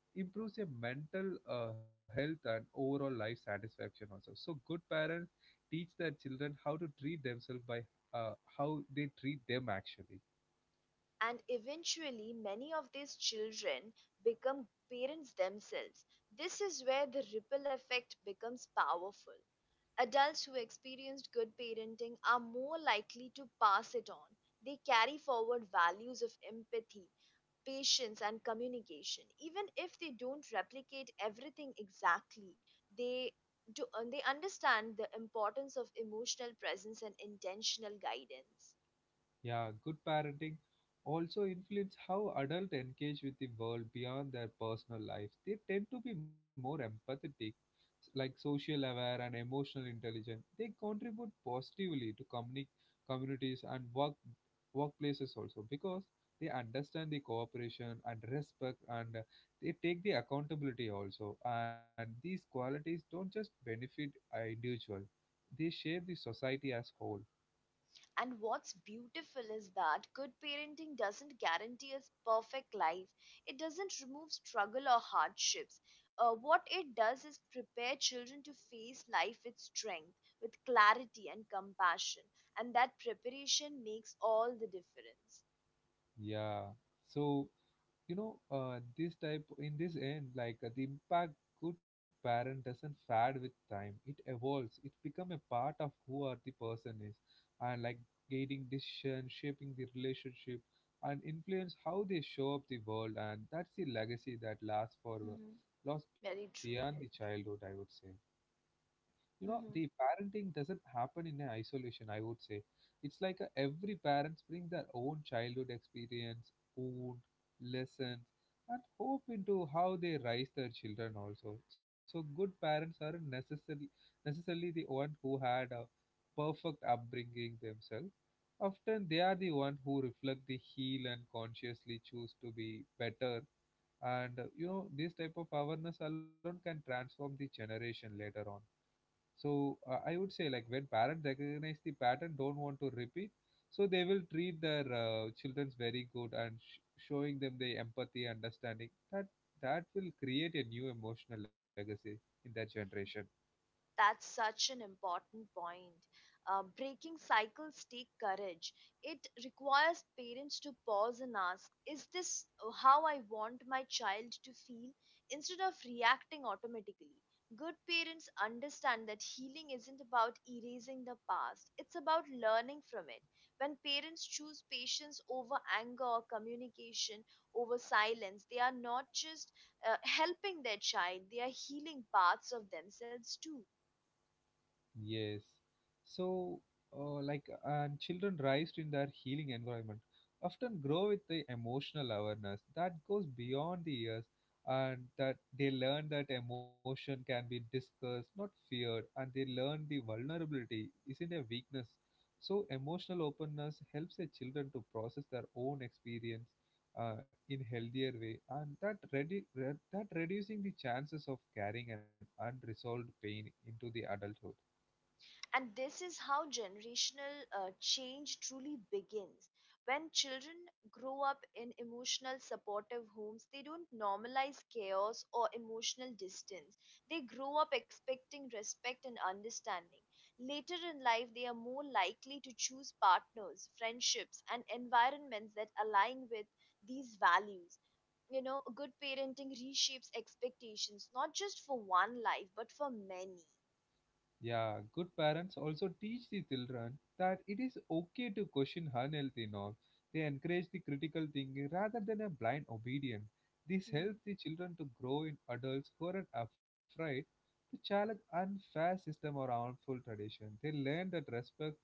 A: improves your mental health and overall life satisfaction also. So good parents teach their children how to treat themselves by uh, how they treat them actually.
B: And eventually, many of these children become parents themselves. This is where the ripple effect becomes powerful. Adults who experienced good parenting are more likely to pass it on. They carry forward values of empathy, patience and communication. Even if they don't replicate everything exactly, they do. And they understand the importance of emotional presence and intentional guidance.
A: Yeah, good parenting also influence how adults engage with the world beyond their personal life. They tend to be more empathetic, like social aware and emotional intelligent. They contribute positively to communities and workplaces also because they understand the cooperation and respect and they take the accountability also, and these qualities don't just benefit an individual, they shape the society as whole.
B: And what's beautiful is that good parenting doesn't guarantee us perfect life. It doesn't remove struggle or hardships. What it does is prepare children to face life with strength, with clarity and compassion, and that preparation makes all the difference.
A: Yeah. So you know, this type in this end like the impact good parent doesn't fade with time. It evolves. It become a part of who are the person is, and like guiding decision, shaping the relationship, and influence how they show up the world. And that's the legacy that lasts beyond
B: Very
A: the
B: true.
A: childhood, I would say. You know, the
B: Mhm.
A: parenting doesn't happen in an isolation, I would say. It's like a, every parents bring their own childhood experience, wound, lessons, and hope into how they raise their children also. So good parents aren't necessarily the one who had a perfect upbringing themselves. Often they are the one who reflect the heal and consciously choose to be better. And you know, this type of awareness alone can transform the generation later on. So I would say, like, when parents recognize the pattern, don't want to repeat, so they will treat their childrens very good and showing them the empathy, understanding, that that will create a new emotional legacy in that generation.
B: That's such an important point. Breaking cycles take courage. It requires parents to pause and ask, is this how I want my child to feel, instead of reacting automatically? Good parents understand that healing isn't about erasing the past, it's about learning from it. When parents choose patience over anger or communication over silence, they are not just helping their child, they are healing parts of themselves too.
A: Yes. So, like, and children raised in their healing environment often grow with the emotional awareness that goes beyond the years, and that they learn that emotion can be discussed, not feared, and they learn the vulnerability isn't a weakness. So, emotional openness helps the children to process their own experience in healthier way, and that that reducing the chances of carrying an unresolved pain into the adulthood.
B: And this is how generational change truly begins. When children grow up in emotional, supportive homes, they don't normalize chaos or emotional distance. They grow up expecting respect and understanding. Later in life, they are more likely to choose partners, friendships, and environments that align with these values. Good parenting reshapes expectations, not just for one life but for many.
A: Yeah, good parents also teach the children that it is okay to question unhealthy norms. They encourage the critical thinking rather than a blind obedience. This helps the children to grow in adults who are afraid to challenge unfair system or harmful tradition. They learn that respect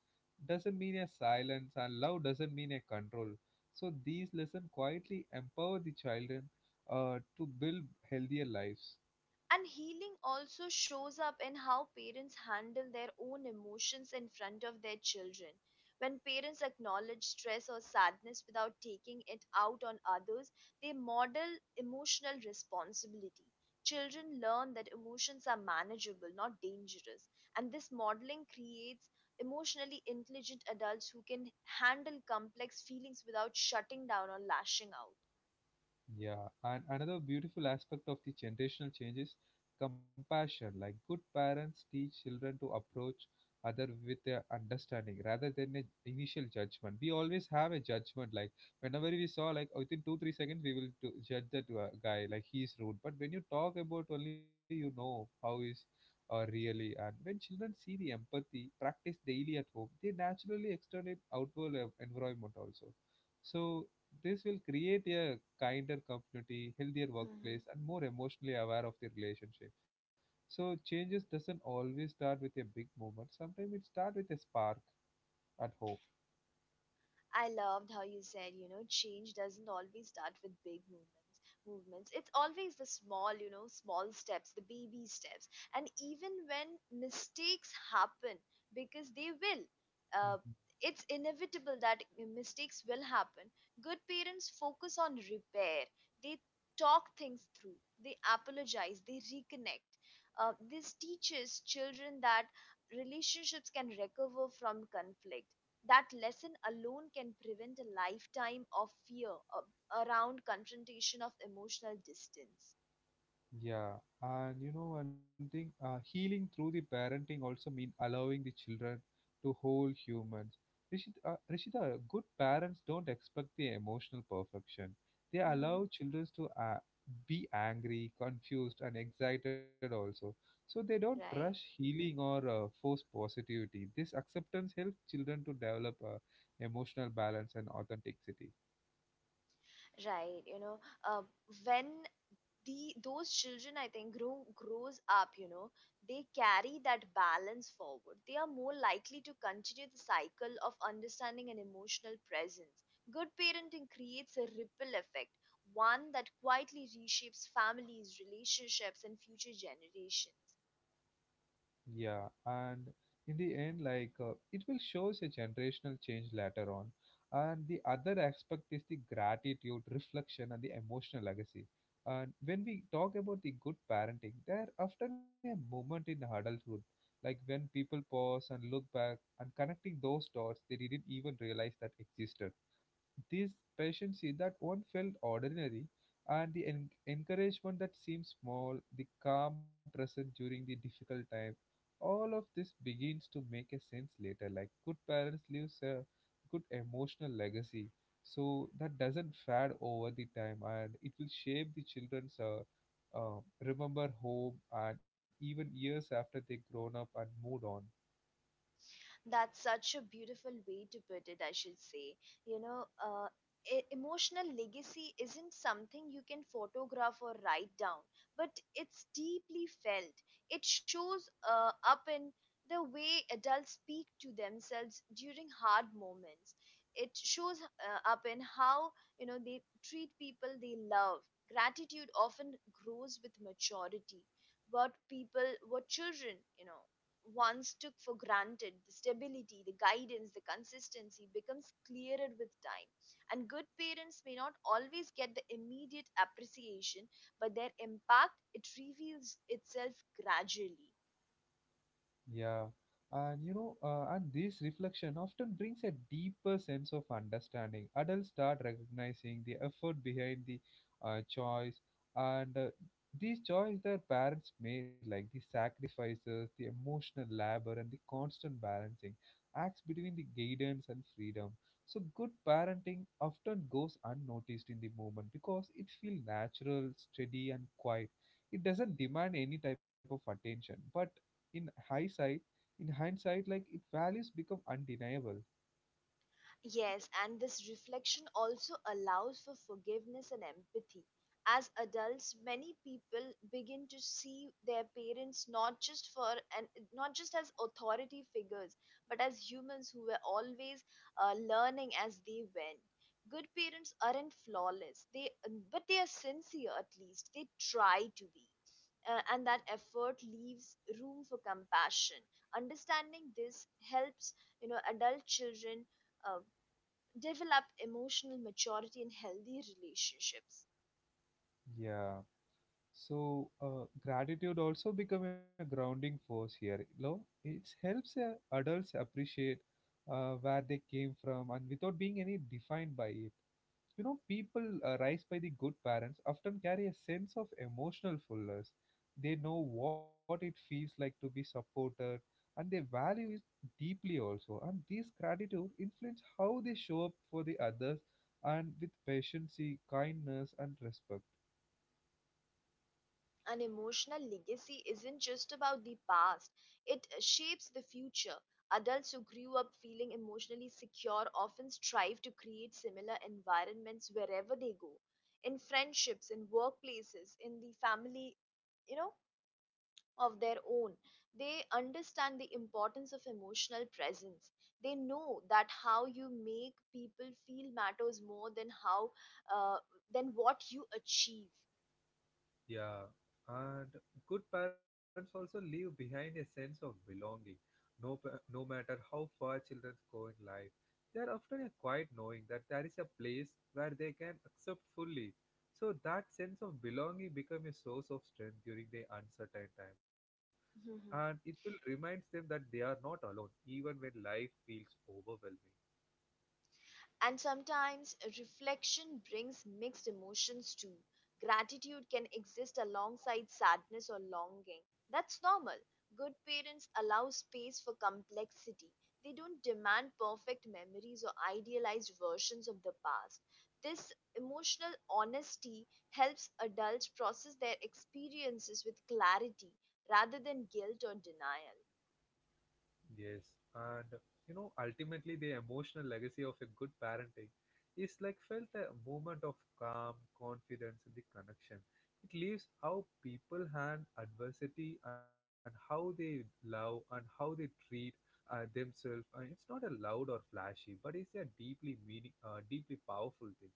A: doesn't mean a silence and love doesn't mean a control. So these lessons quietly empower the children to build healthier lives.
B: And healing also shows up in how parents handle their own emotions in front of their children. When parents acknowledge stress or sadness without taking it out on others, they model emotional responsibility. Children learn that emotions are manageable, not dangerous. And this modeling creates emotionally intelligent adults who can handle complex feelings without shutting down or lashing out.
A: Yeah, and another beautiful aspect of the generational change is compassion. Like good parents teach children to approach other with a understanding rather than an initial judgment. We always have a judgment. Like whenever we saw, like within 2-3 seconds, we will do, judge that guy like he's rude. But when you talk about only, you know how is really. And when children see the empathy practice daily at home, they naturally extend it outward environment also. So this will create a kinder community, healthier workplace, and more emotionally aware of the relationship. So changes doesn't always start with a big movement. Sometimes it starts with a spark at home.
B: I loved how you said, change doesn't always start with big movements. It's always the small, small steps, the baby steps, and even when mistakes happen, because they will. Uh, it's inevitable that mistakes will happen. Good parents focus on repair. They talk things through. They apologize. They reconnect. This teaches children that relationships can recover from conflict. That lesson alone can prevent a lifetime of fear around confrontation of emotional distance.
A: Yeah, and you know one thing, healing through the parenting also mean allowing the children to whole humans. Rishita, good parents don't expect the emotional perfection. They
B: Hmm.
A: allow children to be angry, confused, and excited also. So they don't
B: Right,
A: rush healing or force positivity. This acceptance helps children to develop emotional balance and authenticity.
B: right, uh, when the those children I think grow grows up, they carry that balance forward. They are more likely to continue the cycle of understanding and emotional presence. Good parenting creates a ripple effect, one that quietly reshapes families, relationships, and future generations.
A: Yeah, and in the end, like it will shows a generational change later on. And the other aspect is the gratitude, reflection, and the emotional legacy. And when we talk about the good parenting, there often a moment in adulthood, like when people pause and look back and connecting those dots they didn't even realize that existed. These patients see that one felt ordinary, and the encouragement that seems small, the calm present during the difficult time, all of this begins to make a sense later. Like good parents leaves a good emotional legacy, so that doesn't fade over the time, and it will shape the children's uh, remember home and even years after they grown up and moved on.
B: That's such a beautiful way to put it, I should say. You know, uh, emotional legacy isn't something you can photograph or write down, but it's deeply felt. It shows up in the way adults speak to themselves during hard moments. It shows up in how they treat people they love. Gratitude often grows with maturity. What people, what children, once took for granted. The stability, the guidance, the consistency becomes clearer with time. And good parents may not always get the immediate appreciation, but their impact it reveals itself gradually.
A: Yeah, and you know, and this reflection often brings a deeper sense of understanding. Adults start recognizing the effort behind the choice, and these choice their parents made, like the sacrifices, the emotional labor, and the constant balancing acts between the guidance and freedom. So, good parenting often goes unnoticed in the moment because it feels natural, steady, and quiet. It doesn't demand any type of attention, but in hindsight in hindsight, like, it values become undeniable.
B: Yes, and this reflection also allows for forgiveness and empathy. As adults, many people begin to see their parents not just for and not just as authority figures, but as humans who were always learning as they went. Good parents aren't flawless, they but they are sincere at least. They try to be. And that effort leaves room for compassion. Understanding this helps, adult children uh, develop emotional maturity in healthy relationships.
A: Yeah. So gratitude also become a grounding force here, you know. It helps adults appreciate where they came from and without being any defined by it. You know, people raised by the good parents often carry a sense of emotional fullness. They know what it feels like to be supported, and they value it deeply also. And this gratitude influence how they show up for the others, and with patience, kindness, and respect.
B: An emotional legacy isn't just about the past, it shapes the future. Adults who grew up feeling emotionally secure often strive to create similar environments wherever they go in friendships, in workplaces, in the family, you know, of their own. They understand the importance of emotional presence. They know that how you make people feel matters more than how uh, than what you achieve.
A: Yeah, and good parents also leave behind a sense of belonging. No, no matter how far children go in life, they are often a quiet knowing that there is a place where they can accept fully. So that sense of belonging becomes a source of strength during the uncertain time, and it will remind them that they are not alone, even when life feels overwhelming.
B: And sometimes reflection brings mixed emotions too. Gratitude can exist alongside sadness or longing. That's normal. Good parents allow space for complexity. They don't demand perfect memories or idealized versions of the past. This emotional honesty helps adults process their experiences with clarity rather than guilt or denial.
A: Yes, and you know, ultimately, the emotional legacy of a good parenting is like felt a moment of calm, confidence, and the connection. It leaves how people handle adversity and how they love and how they treat themselves. It's not a loud or flashy, but it's a deeply meaning, deeply powerful thing.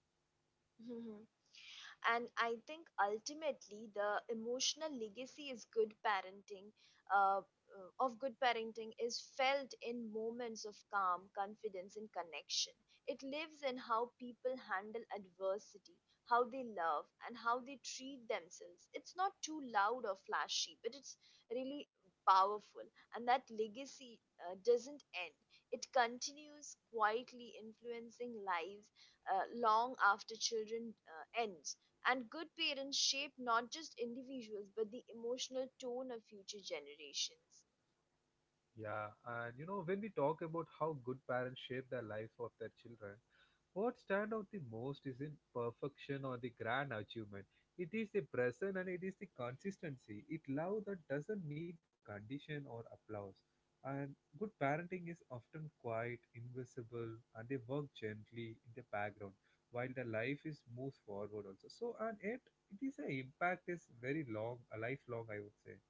B: And I think ultimately the emotional legacy is good parenting of good parenting is felt in moments of calm, confidence, and connection. It lives in how people handle adversity, how they love and how they treat themselves. It's not too loud or flashy, but it's really powerful. And that legacy doesn't end. It continues quietly influencing lives long after children end. And good parents shape not just individuals but the emotional tone of future generations.
A: Yeah, and you know, when we talk about how good parents shape the life of their children, what stands out the most isn't perfection or the grand achievement. It is the present and it is the consistency. It love that doesn't need condition or applause. And good parenting is often quiet, invisible, and they work gently in the background while the life is moves forward also. So and yet it is an impact is very long, a lifelong I would say.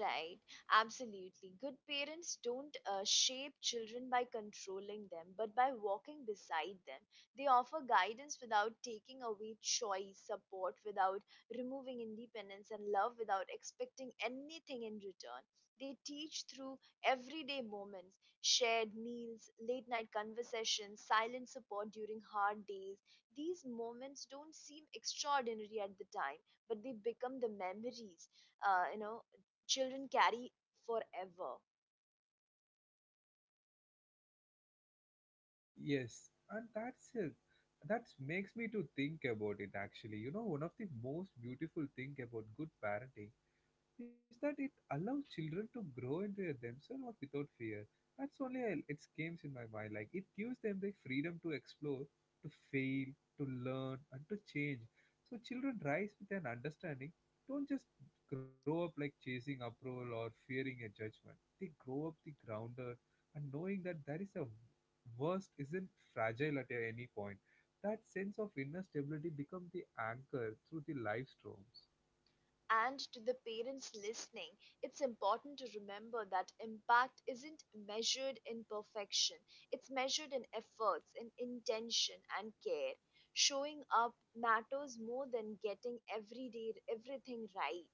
B: Right, absolutely. Good parents don't shape children by controlling them, but by walking beside them. They offer guidance without taking away choice, support without removing independence, and love without expecting anything in return. They teach through everyday moments, shared meals, late night conversations, silent support during hard days. These moments don't seem extraordinary at the time, but they become the memories uh, you know children carry forever.
A: Yes, and that's it. That makes me to think about it actually. You know, one of the most beautiful thing about good parenting is that it allows children to grow into themselves or without fear. That's only a, it comes in my mind. Like it gives them the freedom to explore, to fail, to learn, and to change. So children rise with an understanding. Don't just grow up like chasing approval or fearing a judgment. They grow up the grounded and knowing that there is a worst isn't fragile at any point. That sense of inner stability becomes the anchor through the life storms.
B: And to the parents listening, it's important to remember that impact isn't measured in perfection, it's measured in efforts, in intention, and care. Showing up matters more than getting every day everything right.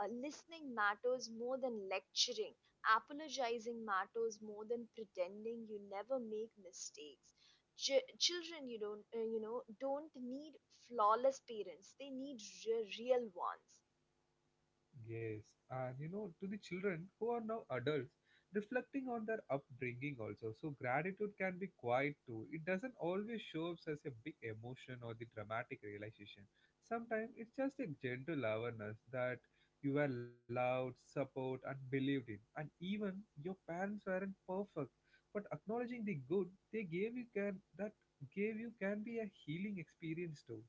B: Listening matters more than lecturing. Apologizing matters more than pretending you never make mistakes. Children, you don't, you know, don't need flawless parents. They need real ones.
A: Yes, and you know, to the children who are now adults, reflecting on their upbringing also. So, gratitude can be quiet too. It doesn't always show up as a big emotion or the dramatic realization. Sometimes it's just a gentle awareness that you were loved, supported, and believed in. And even your parents weren't perfect, but acknowledging the good they gave you can that gave you can be a healing experience too.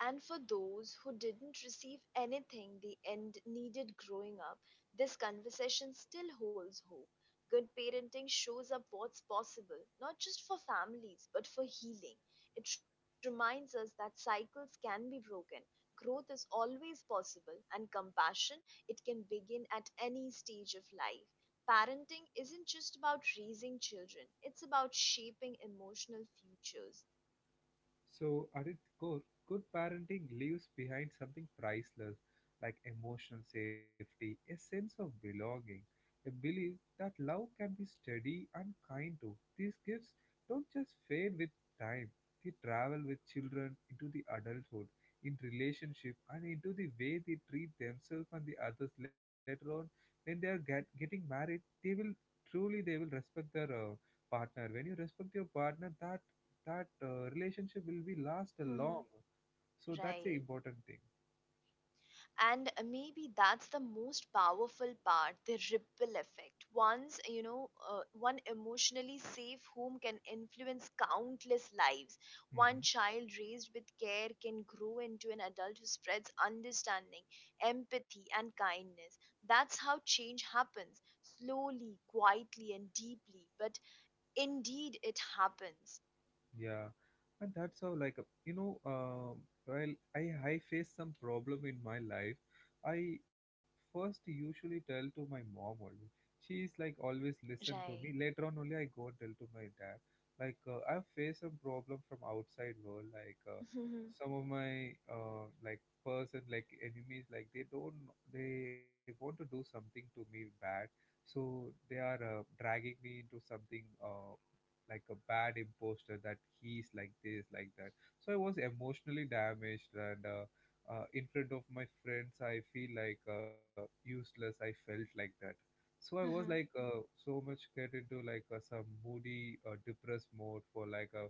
B: And for those who didn't receive anything the end needed growing up, this conversation still holds hope. Good parenting shows up what's possible, not just for families, but for healing. It reminds us that cycles can be broken. Growth is always possible, and compassion, it can begin at any stage of life. Parenting isn't just about raising children, it's about shaping emotional futures.
A: So, at its core, good parenting leaves behind something priceless like emotional safety, a sense of belonging, a belief that love can be steady and kind too. These gifts don't just fade with time, they travel with children into the adulthood, in relationship, and into the way they treat themselves and the others later on. When they are getting married, they will truly they will respect their partner. When you respect your partner, that that relationship will be last
B: Hmm.
A: long, so that's the
B: Right.
A: important thing.
B: And maybe that's the most powerful part, the ripple effect. Once you know one emotionally safe home can influence countless lives, one
A: Hmm.
B: child raised with care can grow into an adult who spreads understanding, empathy and kindness. That's how change happens, slowly, quietly and deeply, but indeed it happens.
A: Yeah, and that's how like while I face some problem in my life, I first usually tell to my mom only. She is like always listen to me.
B: Right.
A: Later on only I go and tell to my dad. Like I've faced some problem from outside world. Like some of my like person like enemies, like they don't, they want to do something to me bad. So they are dragging me into something. Like a bad imposter that he's like this like that, so I was emotionally damaged, and in front of my friends I feel like useless, I felt like that. So I was like
B: Right.
A: so much get into like some moody depressed mode for like a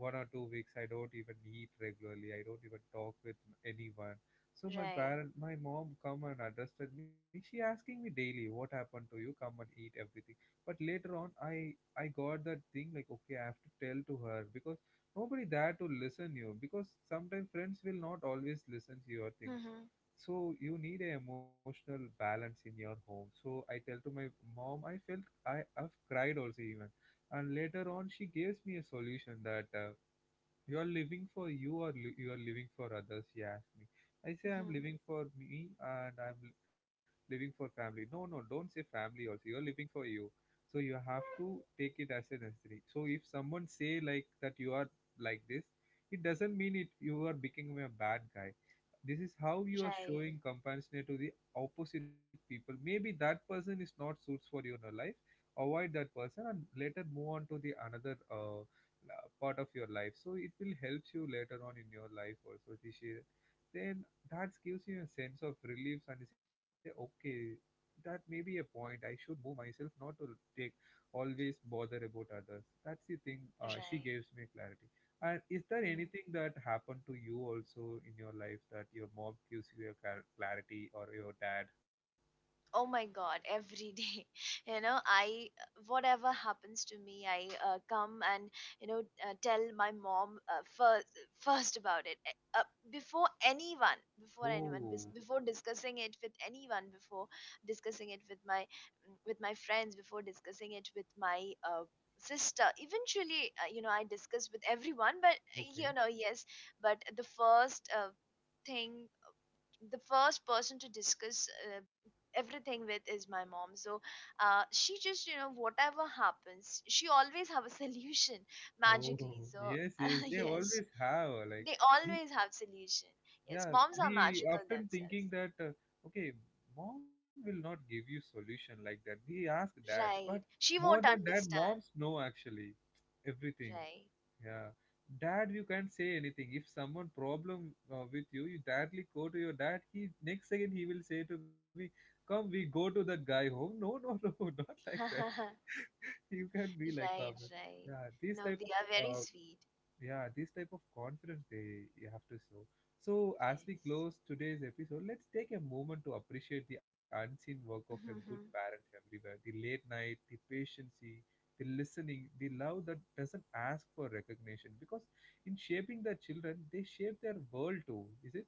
A: 1 or 2 weeks. I don't even eat regularly, I don't even talk with anyone. So my parent, my mom come and adjusted me, she asking me daily what happened to you, come and eat everything. But later on I got that thing like, okay, I have to tell to her because nobody there to listen you, because sometimes friends will not always listen to your things.
B: Right,
A: So you need a emotional balance in your home. So I tell to my mom, I felt I have cried also even, and later on she gives me a solution that. You are living for you or you are living for others? She asked me. I say I'm living for me and living for family. No, no, don't say family also. You are living for you, so you have to take it as a necessary. So if someone say like that you are like this, it doesn't mean it you are becoming a bad guy. This is how you are
B: right,
A: showing compassion to the opposite people. Maybe that person is not suits for you in your life. Avoid that person and later move on to the another. Part of your life, so it will help you later on in your life also, Rishi. Then that gives you a sense of relief and you say okay, that may be a point I should move myself not to take always bother about others. That's the thing, she gives me clarity. And is there
B: right.
A: anything that happened to you also in your life that your mom gives you a clarity, or your dad?
B: Oh my god, every day. You know, I whatever happens to me, I come and you know tell my mom first about it, uh, before anyone,
A: Oh,
B: before discussing it with anyone, before discussing it with my with my friends, before discussing it with my sister eventually. You know, I discuss with everyone, but
A: okay.
B: you know, yes. But the first thing, the first person to discuss uh, everything with is my mom. So she just, you know, whatever happens, she always have a solution magically,
A: Oh
B: so.
A: yes, yes, they
B: Yes,
A: always have like,
B: they
A: we,
B: always have solution. Yes,
A: yeah,
B: moms are
A: we
B: magical
A: often
B: themselves.
A: thinking that, okay, mom will not give you solution like that, we ask dad, but
B: Right, she
A: more than
B: won't
A: that moms
B: understand.
A: know actually everything.
B: Right.
A: Yeah, dad, you can't say anything. If someone problem with you, you directly go to your dad, he next second he will say to me, come we go to that guy home. No, no. No, not like that. You can not be like
B: Right, right.
A: yeah, these
B: No,
A: type
B: they
A: of,
B: are very
A: uh,
B: sweet.
A: yeah, this type of confidence they you have to show. So as we
B: Yes.
A: close today's episode, let's take a moment to appreciate the unseen work of a good parent everywhere. The late night, the patience, the listening, the love that doesn't ask for recognition. Because in shaping their children, they shape their world too. Is it?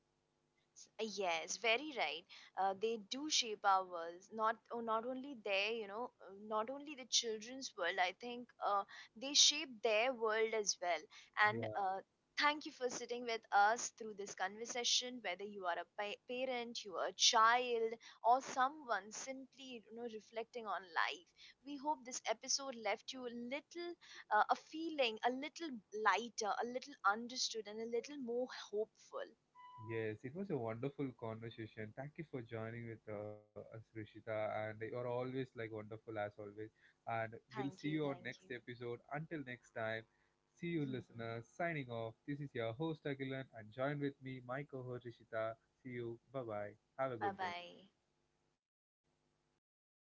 B: Yes, very right. They do shape our worlds. Not, oh, not only their, you know, not only the children's world. I think they shape their world as well. And
A: Yeah.
B: thank you for sitting with us through this conversation. Whether you are a parent, you are a child, or someone simply, you know, reflecting on life, we hope this episode left you a little, a feeling, a little lighter, a little understood, and a little more hopeful.
A: Yes, it was a wonderful conversation. Thank you for joining with us, Rishita. And you're always like wonderful as always. And we'll see
B: Thank you.
A: you on next
B: Thank you.
A: episode. Until next time, see you, listeners. Signing off. This is your host, Agilan, and join with me, my co host, Rishita. See you. Bye bye. Have a
B: Bye
A: good day.
B: bye.